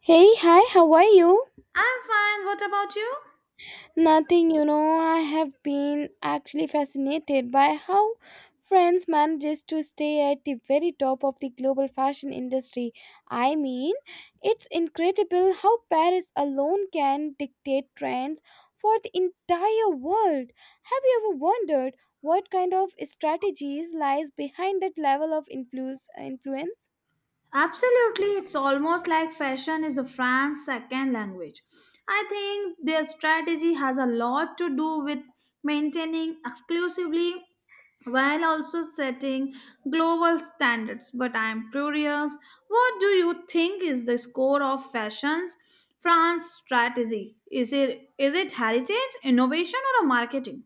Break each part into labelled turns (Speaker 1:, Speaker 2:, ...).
Speaker 1: Hey, hi, how are you?
Speaker 2: I'm fine. What about you?
Speaker 1: Nothing, you know, I have been actually fascinated by how France manages to stay at the very top of the global fashion industry. I mean, it's incredible how Paris alone can dictate trends for the entire world. Have you ever wondered what kind of strategies lies behind that level of influence?
Speaker 2: Absolutely, it's almost like fashion is a France's second language. I think their strategy has a lot to do with maintaining exclusively while also setting global standards. But I'm curious, what do you think is the score of fashion's France strategy? Is it heritage, innovation, or a marketing?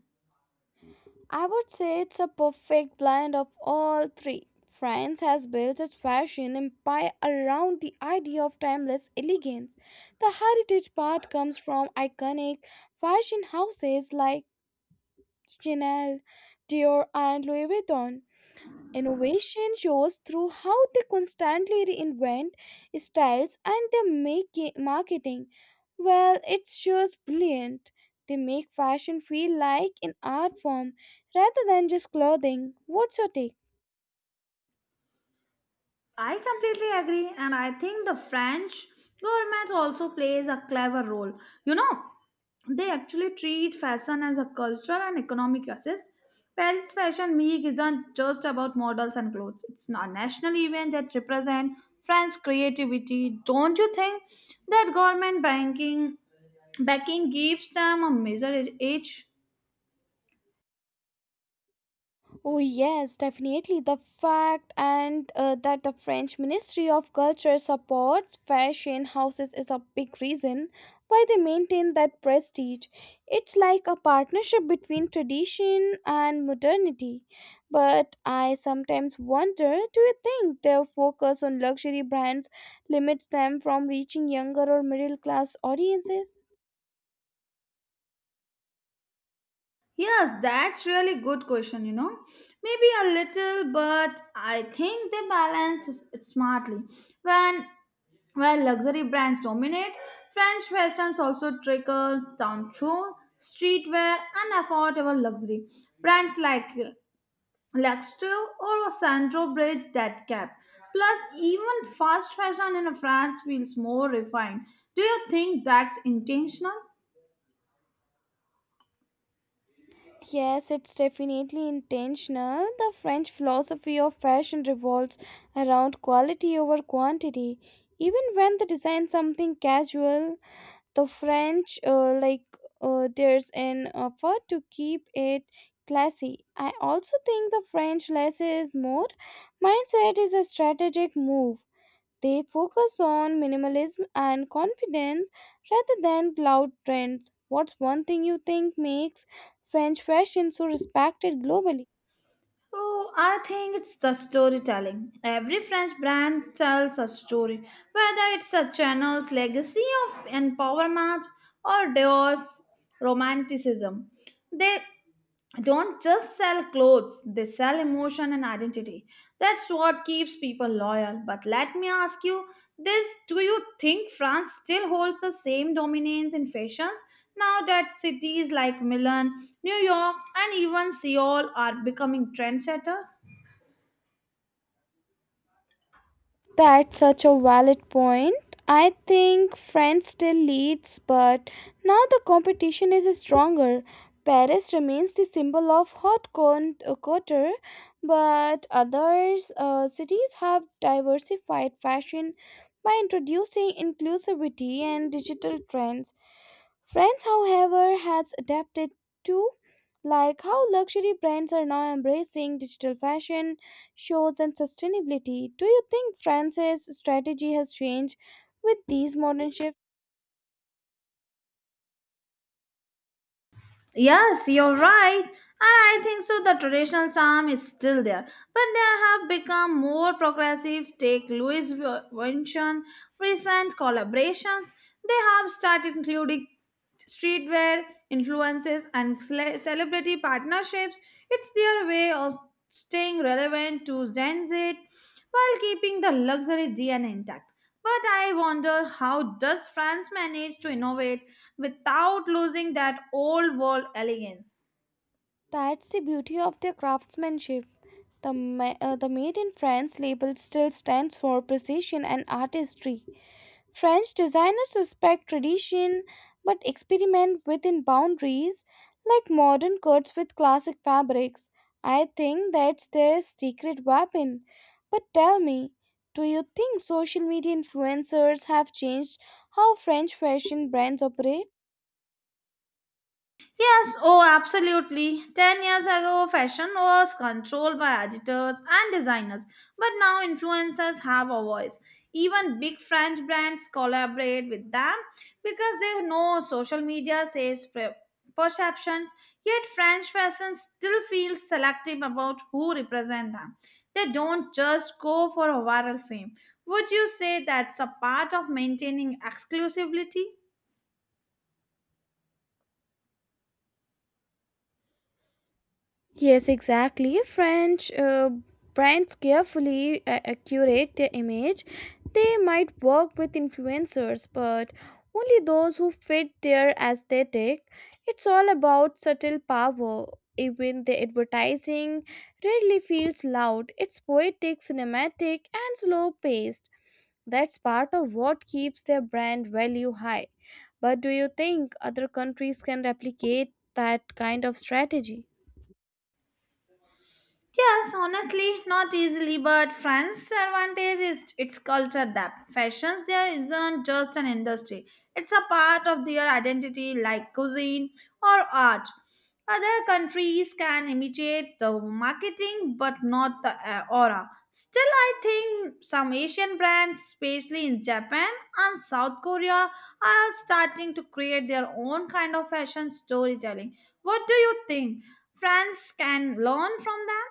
Speaker 1: I would say it's a perfect blend of all three. France has built its fashion empire around the idea of timeless elegance. The heritage part comes from iconic fashion houses like Chanel, Dior, and Louis Vuitton. Innovation shows through how they constantly reinvent styles and their marketing. Well, it's just brilliant. They make fashion feel like an art form rather than just clothing. What's your take?
Speaker 2: I completely agree, and I think the French government also plays a clever role. You know, they actually treat fashion as a cultural and economic assist. Paris Fashion Week isn't just about models and clothes; it's a national event that represents French creativity. Don't you think that government banking backing gives them a major edge?
Speaker 1: Oh yes, definitely. The fact and that the French Ministry of Culture supports fashion houses is a big reason why they maintain that prestige. It's like a partnership between tradition and modernity. But I sometimes wonder, do you think their focus on luxury brands limits them from reaching younger or middle class audiences?
Speaker 2: Yes, that's really good question, you know. Maybe a little, but I think they balance s- it smartly. When while luxury brands dominate, French fashions also trickles down through streetwear and affordable luxury. Brands like Luxto or Sandro bridge that gap. Plus, even fast fashion in France feels more refined. Do you think that's intentional?
Speaker 1: Yes, it's definitely intentional. The French philosophy of fashion revolves around quality over quantity. Even when they design something casual, the French there's an effort to keep it classy. I also think the French less is more mindset is a strategic move. They focus on minimalism and confidence rather than loud trends. What's one thing you think makes French fashion so respected globally?
Speaker 2: Oh, I think it's the storytelling. Every French brand tells a story, whether it's a Chanel's legacy of empowerment or Dior's romanticism. They don't just sell clothes, they sell emotion and identity. That's what keeps people loyal. But let me ask you this, do you think France still holds the same dominance in fashions now that cities like Milan, New York, and even Seoul are becoming trendsetters?
Speaker 1: That's such a valid point. I think France still leads, but now the competition is stronger. Paris remains the symbol of couture, but other cities have diversified fashion by introducing inclusivity and digital trends. France, however, has adapted too, like how luxury brands are now embracing digital fashion shows and sustainability. Do you think France's strategy has changed with these modern shifts?
Speaker 2: Yes, you're right. And I think so the traditional charm is still there. But they have become more progressive. Take Louis Vuitton recent collaborations. They have started including streetwear, influences and celebrity partnerships. It's their way of staying relevant to Gen Z while keeping the luxury DNA intact. But I wonder, how does France manage to innovate without losing that old world elegance?
Speaker 1: That's the beauty of their craftsmanship. The Made in France label still stands for precision and artistry. French designers respect tradition but experiment within boundaries, like modern cuts with classic fabrics. I think that's their secret weapon. But tell me, do you think social media influencers have changed how French fashion brands operate?
Speaker 2: Yes, oh, absolutely. 10 years ago, fashion was controlled by editors and designers, but now influencers have a voice. Even big French brands collaborate with them because they know social media saves perceptions, yet French fashion still feels selective about who represent them. They don't just go for a viral fame. Would you say that's a part of maintaining exclusivity?
Speaker 1: Yes, exactly. French brands carefully curate their image. They might work with influencers, but only those who fit their aesthetic. It's all about subtle power. Even the advertising rarely feels loud. It's poetic, cinematic, and slow paced. That's part of what keeps their brand value high. But do you think other countries can replicate that kind of strategy?
Speaker 2: Yes, honestly, not easily, but France's advantage is its culture depth. Fashions there isn't just an industry, it's a part of their identity, like cuisine or art. Other countries can imitate the marketing, but not the aura. Still, I think some Asian brands, especially in Japan and South Korea, are starting to create their own kind of fashion storytelling. What do you think? France can learn from them?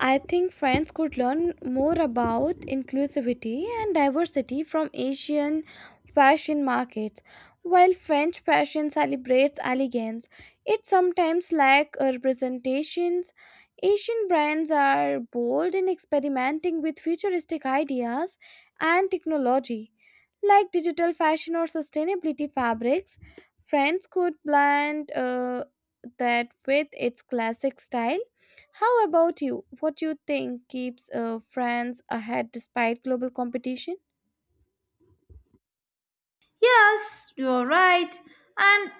Speaker 1: I think friends could learn more about inclusivity and diversity from Asian fashion markets. While French fashion celebrates elegance, it sometimes lacks representations. Asian brands are bold in experimenting with futuristic ideas and technology, like digital fashion or sustainability fabrics. France could blend that with its classic style. How about you? What do you think keeps France ahead despite global competition?
Speaker 2: Yes, you're right. And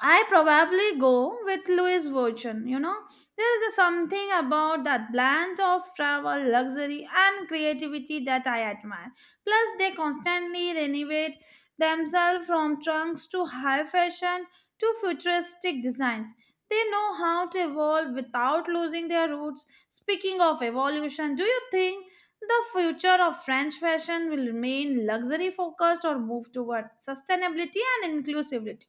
Speaker 2: I probably go with Louis Vuitton, you know. There is a something about that blend of travel, luxury, and creativity that I admire. Plus, they constantly renovate themselves from trunks to high fashion to futuristic designs. They know how to evolve without losing their roots. Speaking of evolution, do you think the future of French fashion will remain luxury focused or move toward sustainability and inclusivity?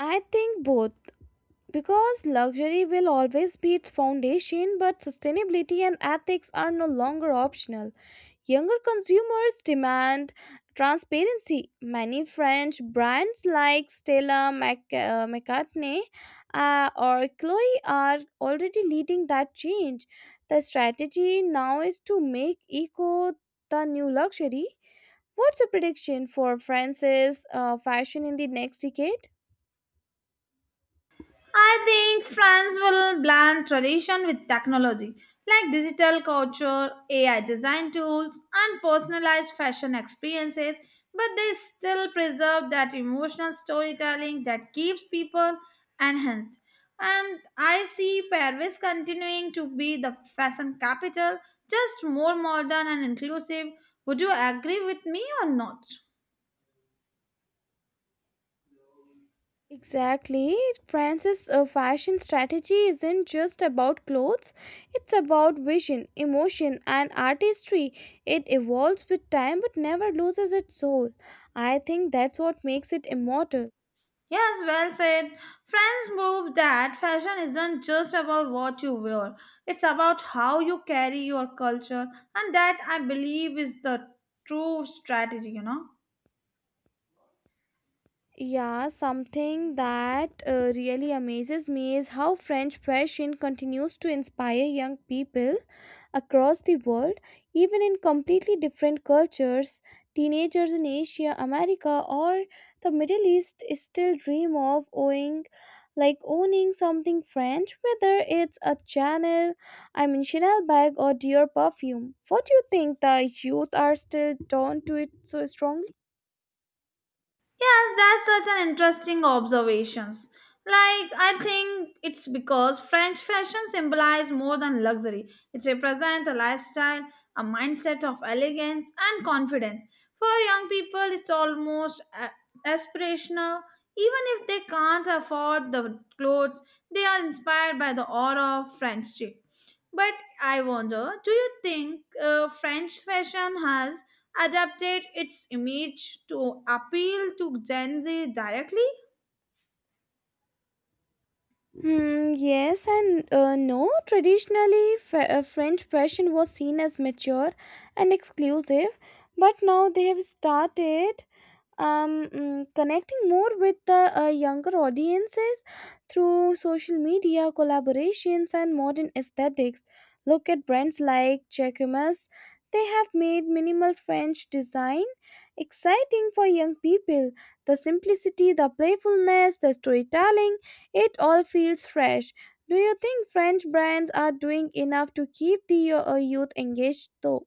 Speaker 1: I think both. Because luxury will always be its foundation, but sustainability and ethics are no longer optional. Younger consumers demand transparency. Many French brands like Stella McCartney or Chloe are already leading that change. The strategy now is to make eco the new luxury. What's your prediction for France's fashion in the next decade?
Speaker 2: I think France will blend tradition with technology, like digital culture, AI design tools, and personalized fashion experiences, but they still preserve that emotional storytelling that keeps people enhanced. And I see Paris continuing to be the fashion capital, just more modern and inclusive. Would you agree with me or not?
Speaker 1: Exactly. France's fashion strategy isn't just about clothes, it's about vision, emotion, and artistry. It evolves with time but never loses its soul. I think that's what makes it immortal.
Speaker 2: Yes, well said. Friends prove that fashion isn't just about what you wear, it's about how you carry your culture, and that I believe is the true strategy, you know.
Speaker 1: Yeah, something that really amazes me is how French fashion continues to inspire young people across the world, even in completely different cultures. Teenagers in Asia, America, or the Middle East still dream of owning, like owning something French, whether it's a Chanel, I mean Chanel bag or Dior perfume. What do you think the youth are still drawn to it so strongly?
Speaker 2: Yes, that's such an interesting observations. Like I think it's because French fashion symbolizes more than luxury. It represents a lifestyle, a mindset of elegance and confidence. For young people, it's almost aspirational. Even if they can't afford the clothes, they are inspired by the aura of French chic. But I wonder, do you think French fashion has adapted its image to appeal to Gen Z directly?
Speaker 1: Hmm, yes and no. Traditionally, French fashion was seen as mature and exclusive, but now they have started connecting more with the younger audiences through social media collaborations and modern aesthetics. Look at brands like Jacquemus. They have made minimal French design exciting for young people. The simplicity, the playfulness, the storytelling, it all feels fresh. Do you think French brands are doing enough to keep the youth engaged though?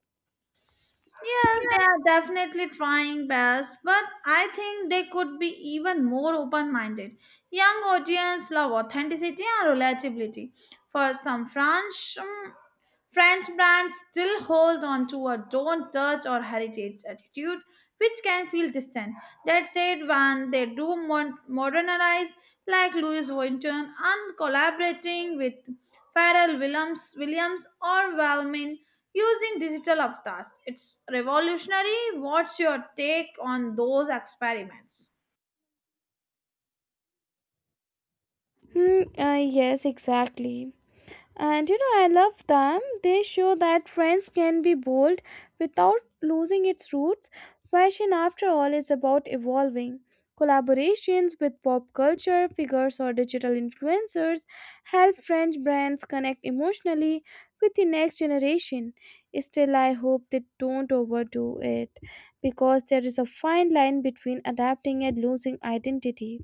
Speaker 2: Yeah, they are definitely trying best, but I think they could be even more open minded. Young audience love authenticity and relatability. For some French, French brands still hold on to a don't touch or heritage attitude, which can feel distant. That said, when they do modernize, like Louis Vuitton, and collaborating with Pharrell Williams or Valmin using digital avatars, it's revolutionary. What's your take on those experiments?
Speaker 1: Hmm, yes, exactly. And you know, I love them. They show that trends can be bold without losing its roots. Fashion, after all, is about evolving. Collaborations with pop culture figures or digital influencers help French brands connect emotionally with the next generation. Still, I hope they don't overdo it because there is a fine line between adapting and losing identity.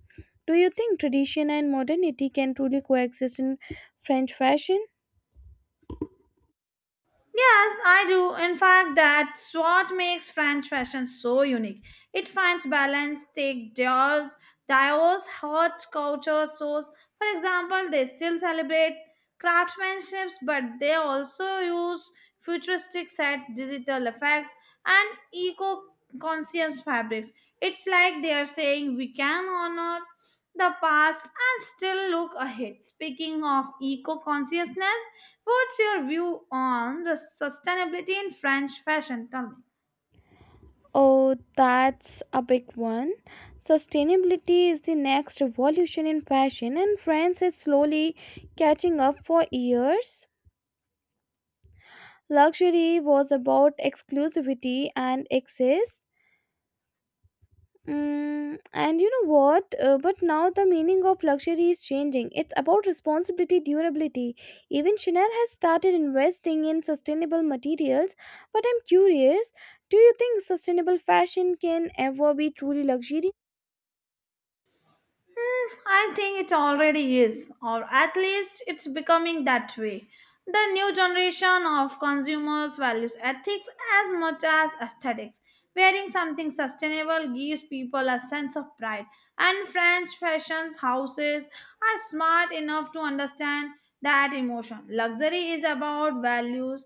Speaker 1: Do you think tradition and modernity can truly coexist in French fashion?
Speaker 2: Yes, I do. In fact, that's what makes French fashion so unique. It finds balance, take Dior's hot culture source. For example, they still celebrate craftsmanships, but they also use futuristic sets, digital effects, and eco-conscious fabrics. It's like they are saying we can honor the past and still look ahead. Speaking of eco-consciousness, what's your view on the sustainability in French fashion? Tell me.
Speaker 1: Oh, that's a big one. Sustainability is the next revolution in fashion, and France is slowly catching up for years. Luxury was about exclusivity and excess. And you know what? But now the meaning of luxury is changing. It's about responsibility, durability. Even Chanel has started investing in sustainable materials. But I'm curious, do you think sustainable fashion can ever be truly luxury?
Speaker 2: Hmm, I think it already is, or at least it's becoming that way. The new generation of consumers values ethics as much as aesthetics. Wearing something sustainable gives people a sense of pride, and French fashion houses are smart enough to understand that emotion. Luxury is about values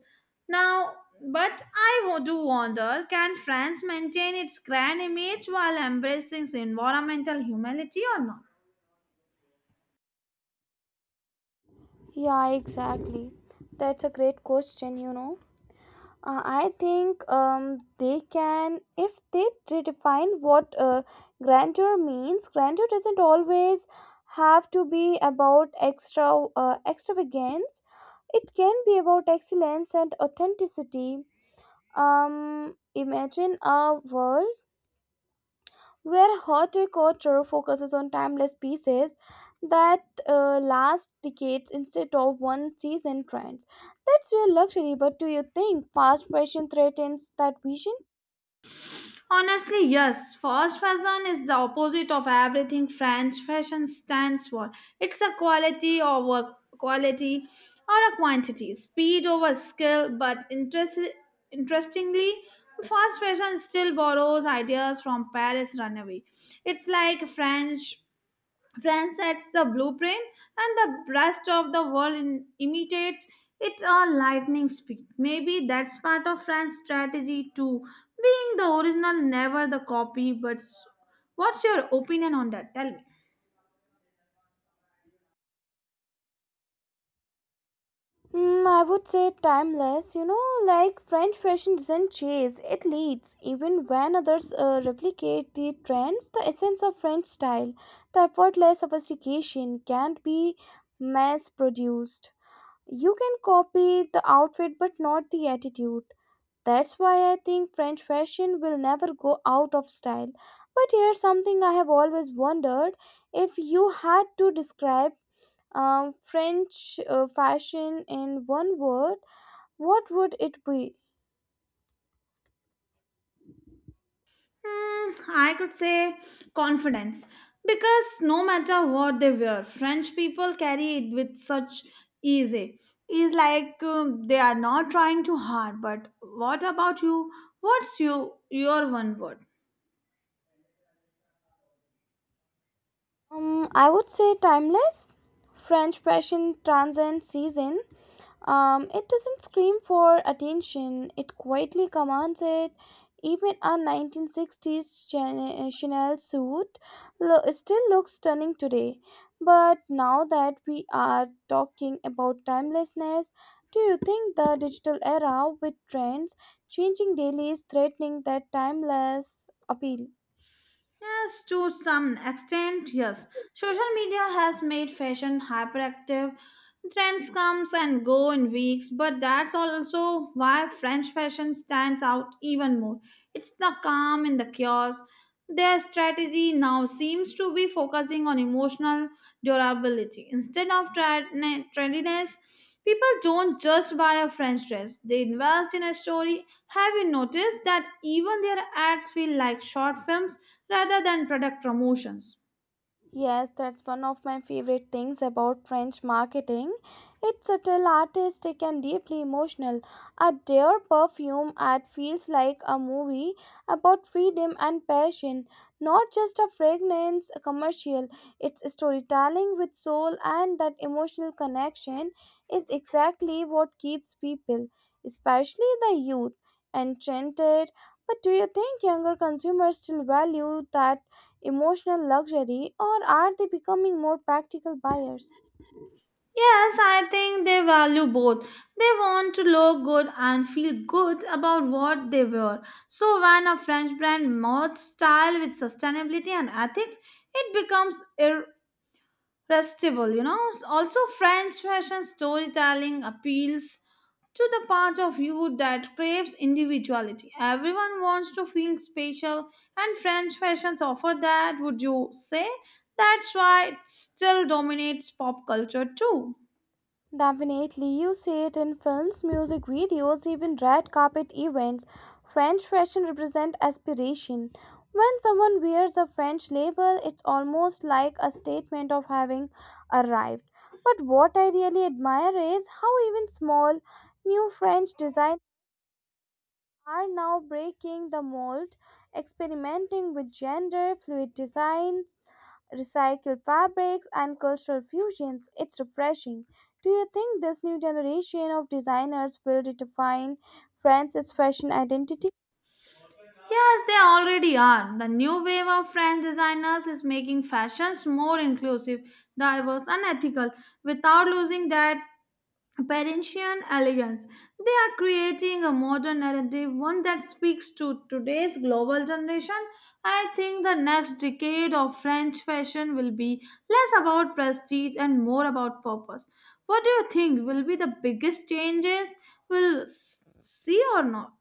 Speaker 2: now, but I do wonder, can France maintain its grand image while embracing environmental humility or not?
Speaker 1: Yeah, exactly. That's a great question, you know. I think they can, if they redefine what grandeur means. Grandeur doesn't always have to be about extravagance. It can be about excellence and authenticity. Imagine a world where horticulture focuses on timeless pieces that last decades instead of one season trends. That's real luxury, but do you think fast fashion threatens that vision?
Speaker 2: Honestly, yes. Fast fashion is the opposite of everything French fashion stands for. It's a quality over quality or a quantity, speed over skill. But interestingly, fast fashion still borrows ideas from Paris runaway. It's like French France sets the blueprint, and the rest of the world imitates. It's a lightning speed. Maybe that's part of France's strategy too, being the original, never the copy. But what's your opinion on that? Tell me.
Speaker 1: Hmm, I would say timeless. You know, like French fashion doesn't chase, it leads. Even when others replicate the trends, the essence of French style, the effortless sophistication, can't be mass produced. You can copy the outfit but not the attitude. That's why I think French fashion will never go out of style. But here's something I have always wondered, if you had to describe French fashion in one word, what would it be?
Speaker 2: Hmm, I could say confidence because no matter what they wear, French people carry it with such ease. It's like they are not trying too hard. But what about you? What's your one word?
Speaker 1: I would say timeless. French fashion transcends season. It doesn't scream for attention, it quietly commands it. Even a 1960s Chanel suit still looks stunning today. But now that we are talking about timelessness, do you think the digital era with trends changing daily is threatening that timeless appeal?
Speaker 2: Yes, to some extent, yes. Social media has made fashion hyperactive. Trends comes and go in weeks, but that's also why French fashion stands out even more. It's the calm in the chaos. Their strategy now seems to be focusing on emotional durability instead of trendiness. People don't just buy a French dress; they invest in a story. Have you noticed that even their ads feel like short films rather than product promotions?
Speaker 1: Yes, that's one of my favorite things about French marketing. It's subtle, artistic, and deeply emotional. At their perfume ad feels like a movie about freedom and passion, not just a fragrance commercial. It's storytelling with soul, and that emotional connection is exactly what keeps people, especially the youth, enchanted. But do you think younger consumers still value that emotional luxury, or are they becoming more practical buyers?
Speaker 2: Yes, I think they value both. They want to look good and feel good about what they wear. So, when a French brand merges style with sustainability and ethics, it becomes festival, you know. Also, French fashion storytelling appeals to the part of you that craves individuality. Everyone wants to feel special, and French fashions offer that. Would you say that's why it still dominates pop culture too?
Speaker 1: Definitely, you see it in films, music videos, even red carpet events. French fashion represents aspiration. When someone wears a French label, it's almost like a statement of having arrived. But what I really admire is how even small, new French designers are now breaking the mold, experimenting with gender fluid designs, recycled fabrics, and cultural fusions. It's refreshing. Do you think this new generation of designers will redefine France's fashion identity?
Speaker 2: Yes, they already are. The new wave of French designers is making fashions more inclusive, diverse and ethical without losing that Parisian elegance. They are creating a modern narrative, one that speaks to today's global generation. I think the next decade of French fashion will be less about prestige and more about purpose. What do you think will be the biggest changes we'll see or not?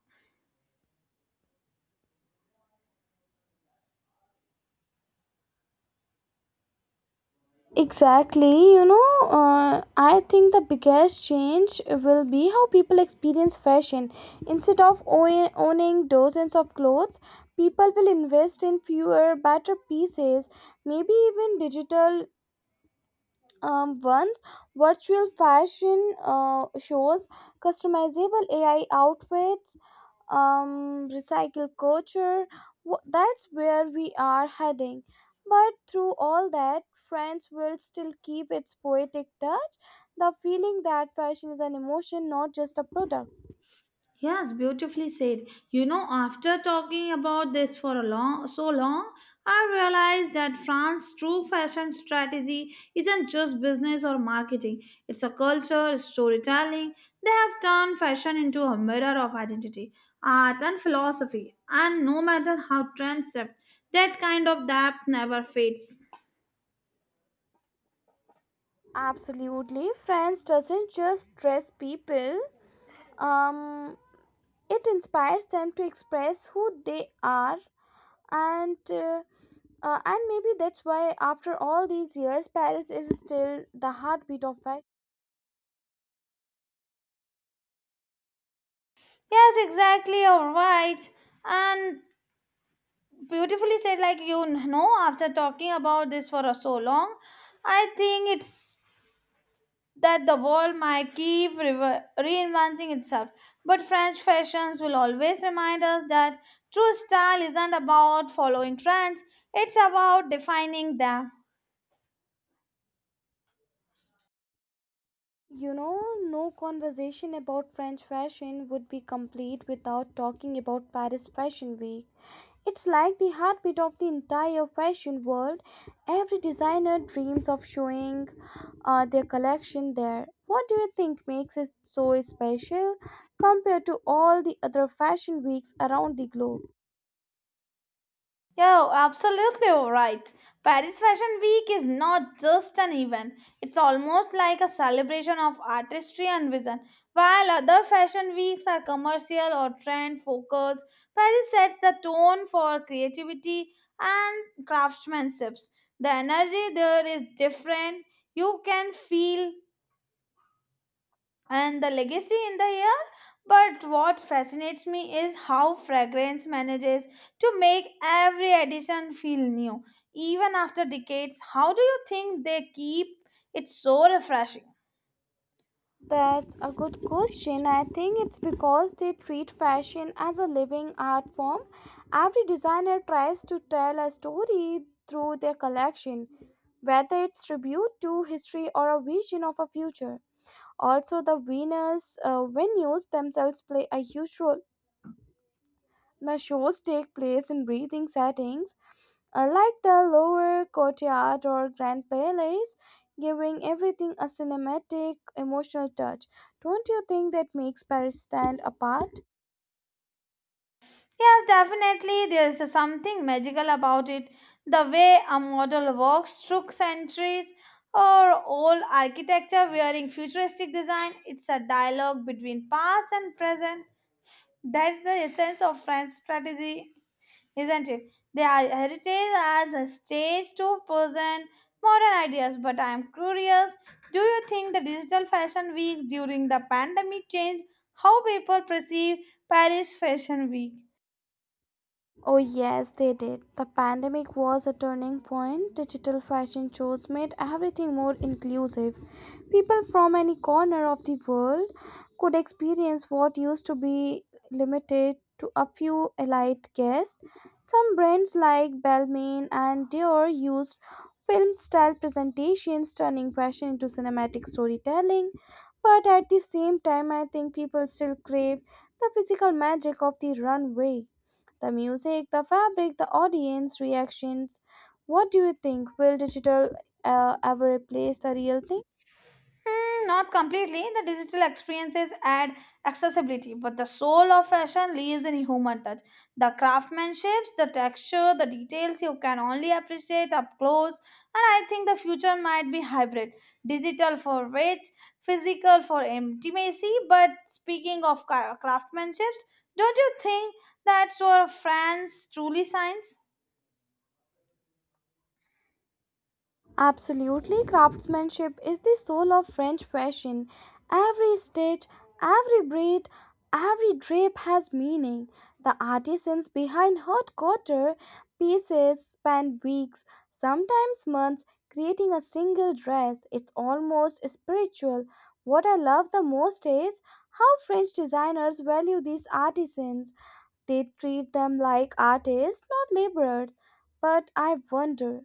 Speaker 1: Exactly, you know, I think the biggest change will be how people experience fashion. Instead of owning dozens of clothes, people will invest in fewer, better pieces, maybe even digital once, virtual fashion shows, customizable AI outfits, recycled culture. That's where we are heading. But through all that, France will still keep its poetic touch, the feeling that fashion is an emotion, not just a product.
Speaker 2: Yes, beautifully said. You know, after talking about this for a long so long, I realized that France's true fashion strategy isn't just business or marketing. It's a culture, it's storytelling. They have turned fashion into a mirror of identity, art and philosophy. And no matter how trends shift, that kind of depth never fades.
Speaker 1: Absolutely, France doesn't just dress people. Um, it inspires them to express who they are and uh, and maybe that's why after all these years, Paris is still the heartbeat of fashion.
Speaker 2: Yes, exactly. All right. And beautifully said, like you know, after talking about this for so long, I think it's that the world might keep rever reinventing itself. But French fashions will always remind us that true style isn't about following trends, it's about defining them.
Speaker 1: You know, no conversation about French fashion would be complete without talking about Paris Fashion Week. It's like the heartbeat of the entire fashion world. Every designer dreams of showing their collection there. What do you think makes it so special compared to all the other fashion weeks around the globe?
Speaker 2: Yeah, absolutely right. Paris Fashion Week is not just an event, it's almost like a celebration of artistry and vision. While other fashion weeks are commercial or trend focused, Paris sets the tone for creativity and craftsmanships. The energy there is different. You can feel and the legacy in the air. But what fascinates me is how fragrance manages to make every edition feel new, even after decades. How do you think they keep it so refreshing?
Speaker 1: That's a good question. I think it's because they treat fashion as a living art form. Every designer tries to tell a story through their collection, whether it's tribute to history or a vision of a future. Also, the Venus venues themselves play a huge role. The shows take place in breathing settings, unlike the lower courtyard or grand palace, giving everything a cinematic, emotional touch. Don't you think that makes Paris stand apart?
Speaker 2: Yes, definitely, there is something magical about it. The way a model walks through centuries or old architecture wearing futuristic design, it's a dialogue between past and present. That's the essence of French strategy, isn't it? They are heritage as a stage to present modern ideas. But I am curious, do you think the digital fashion weeks during the pandemic changed how people perceive Paris Fashion Week?
Speaker 1: Oh, yes, they did. The pandemic was a turning point. Digital fashion shows made everything more inclusive. People from any corner of the world could experience what used to be limited to a few elite guests. Some brands like Balmain and Dior used film style presentations, turning fashion into cinematic storytelling. But at the same time, I think people still crave the physical magic of the runway. The music, the fabric, the audience reactions. What do you think? Will digital ever replace the real thing?
Speaker 2: Not completely. The digital experiences add accessibility, but the soul of fashion lives in human touch. The craftsmanships, the texture, the details you can only appreciate up close. And I think the future might be hybrid, digital for rich, physical for intimacy. But speaking of craftsmanships, don't you think that's where France truly shines?
Speaker 1: Absolutely, craftsmanship is the soul of French fashion. Every stitch, every braid, every drape has meaning. The artisans behind haute couture pieces spend weeks, sometimes months, creating a single dress. It's almost spiritual. What I love the most is how French designers value these artisans. They treat them like artists, not laborers. But I wonder,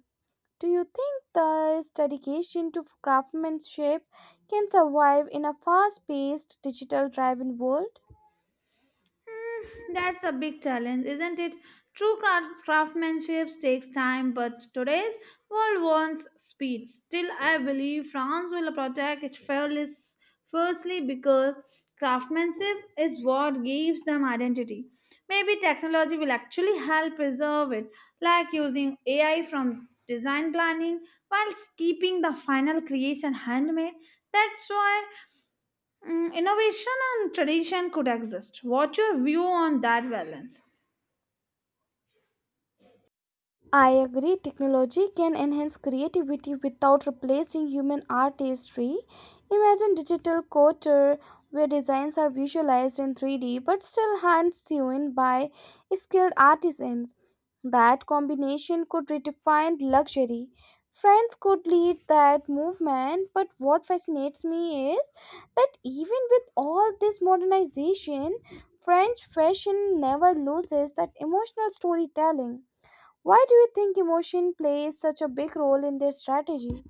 Speaker 1: do you think this dedication to craftsmanship can survive in a fast paced, digital driven world?
Speaker 2: That's a big challenge, isn't it? True craftsmanship takes time, but today's world wants speed. Still, I believe France will protect it fairly, firstly because craftsmanship is what gives them identity. Maybe technology will actually help preserve it, like using AI from design planning while keeping the final creation handmade. That's why, innovation and tradition could exist. What's your view on that balance?
Speaker 1: I agree, technology can enhance creativity without replacing human artistry. Imagine digital couture where designs are visualized in 3D but still hand sewn by skilled artisans. That combination could redefine luxury. Friends could lead that movement, but what fascinates me is that even with all this modernization, French fashion never loses that emotional storytelling. Why do you think emotion plays such a big role in their strategy?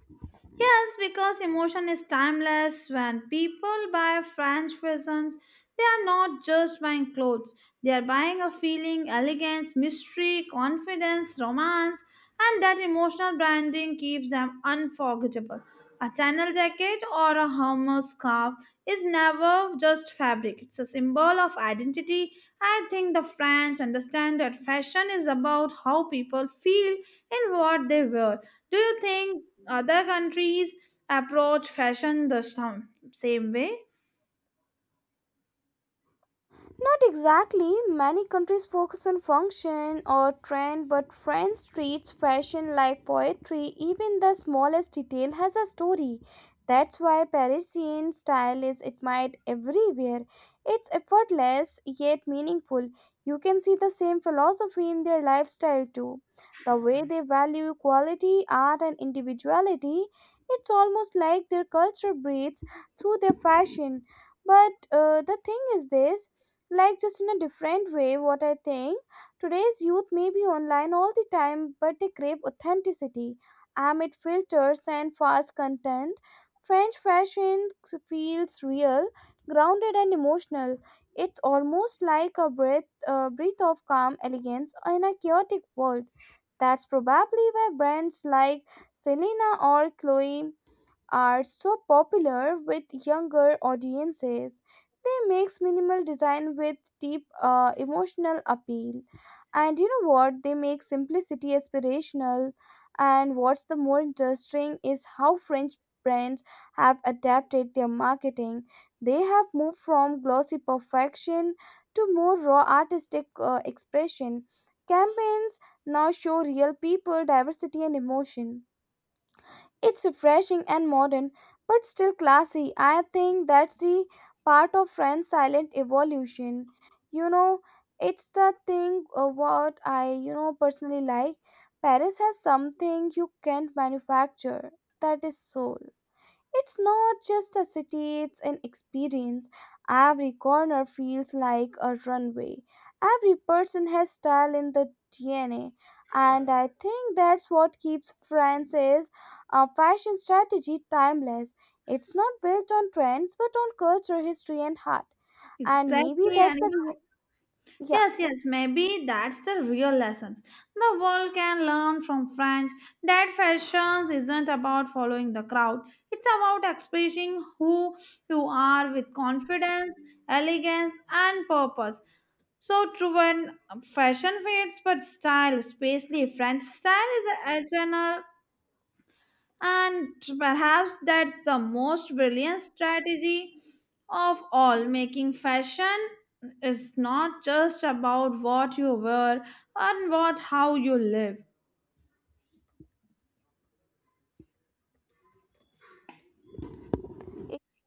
Speaker 2: Yes, because emotion is timeless. When people buy French peasants, they are not just buying clothes, they are buying a feeling, elegance, mystery, confidence, romance, and that emotional branding keeps them unforgettable. A channel jacket or a Homer scarf is never just fabric, it's a symbol of identity. I think the French understand that fashion is about how people feel in what they wear. Do you think other countries approach fashion the same way?
Speaker 1: Not exactly. Many countries focus on function or trend, but France treats fashion like poetry. Even the smallest detail has a story. That's why Parisian style is admired everywhere. It's effortless yet meaningful. You can see the same philosophy in their lifestyle too. The way they value quality, art, and individuality, it's almost like their culture breathes through their fashion. But the thing is this, like, just in a different way. What I think, today's youth may be online all the time, but they crave authenticity amid filters and fast content. French fashion feels real, grounded, and emotional. It's almost like a breath, a breath of calm elegance in a chaotic world. That's probably why brands like Selena or Chloe are so popular with younger audiences. They mix minimal design with deep emotional appeal. And you know what? They make simplicity aspirational. And what's the more interesting is how French brands have adapted their marketing. They have moved from glossy perfection to more raw artistic expression. Campaigns now show real people, diversity, and emotion. It's refreshing and modern, but still classy. I think that's the part of France's silent evolution. You know, it's the thing, what I, you know, personally like. Paris has something you can't manufacture. That is soul. It's not just a city, it's an experience. Every corner feels like a runway. Every person has style in the DNA. And I think that's what keeps France's fashion strategy timeless. It's not built on trends but on culture, history, and heart. And maybe
Speaker 2: Exactly, and
Speaker 1: that's a. Yeah.
Speaker 2: yes, yes, maybe that's the real lessons. The world can learn from French that fashions isn't about following the crowd. It's about expressing who you are with confidence, elegance, and purpose. So true, when fashion fades, but style, especially French style, is eternal, and perhaps that's the most brilliant strategy of all. Making fashion is not just about what you wear and what how you live.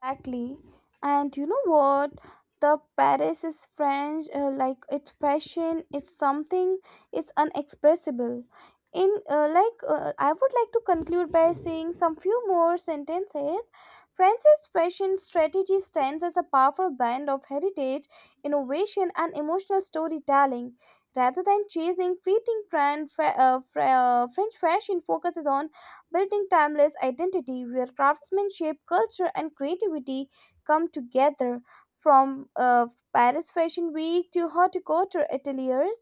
Speaker 1: Exactly. And you know what? The Paris is French, like its passion is something, is unexpressible. In I would like to conclude by saying some few more sentences. France's fashion strategy stands as a powerful blend of heritage, innovation, and emotional storytelling. Rather than chasing fleeting trend, French fashion focuses on building timeless identity where craftsmanship, culture, and creativity come together. From Paris Fashion Week to horticulture ateliers,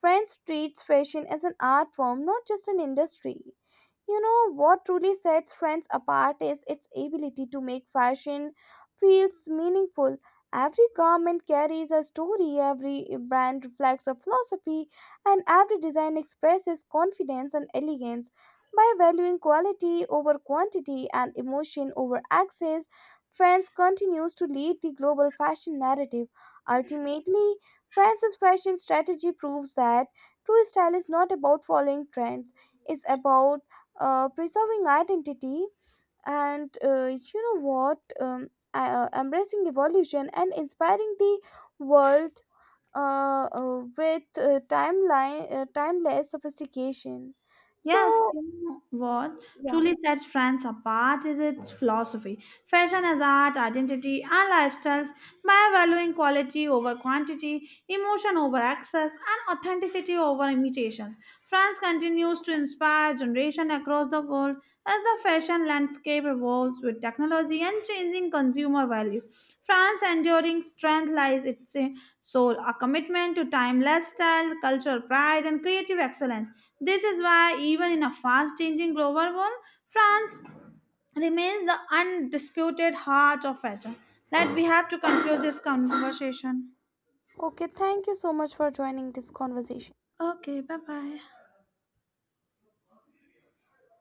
Speaker 1: French treats fashion as an art form, not just an industry. You know what truly sets Friends apart is its ability to make fashion feels meaningful. Every garment carries a story, every brand reflects a philosophy, and every design expresses confidence and elegance. By valuing quality over quantity and emotion over access, Friends continues to lead the global fashion narrative. Ultimately, France's fashion strategy proves that true style is not about following trends, it's about preserving identity, and you know what embracing evolution and inspiring the world with timeline timeless sophistication.
Speaker 2: Yes,
Speaker 1: So
Speaker 2: you know what
Speaker 1: yeah.
Speaker 2: truly sets France apart is its philosophy. Fashion as art, identity, and lifestyles by valuing quality over quantity, emotion over access, and authenticity over imitations. France continues to inspire generation across the of all. As the fashion landscape evolves with technology and changing consumer values, France's enduring strength lies its soul, a commitment to timeless style, cultural pride, and creative excellence. This is why, even in a fast changing global world, France remains the undisputed heart of fashion. That we have to conclude this conversation.
Speaker 1: Okay, thank you so much for joining this conversation.
Speaker 2: Okay, bye bye.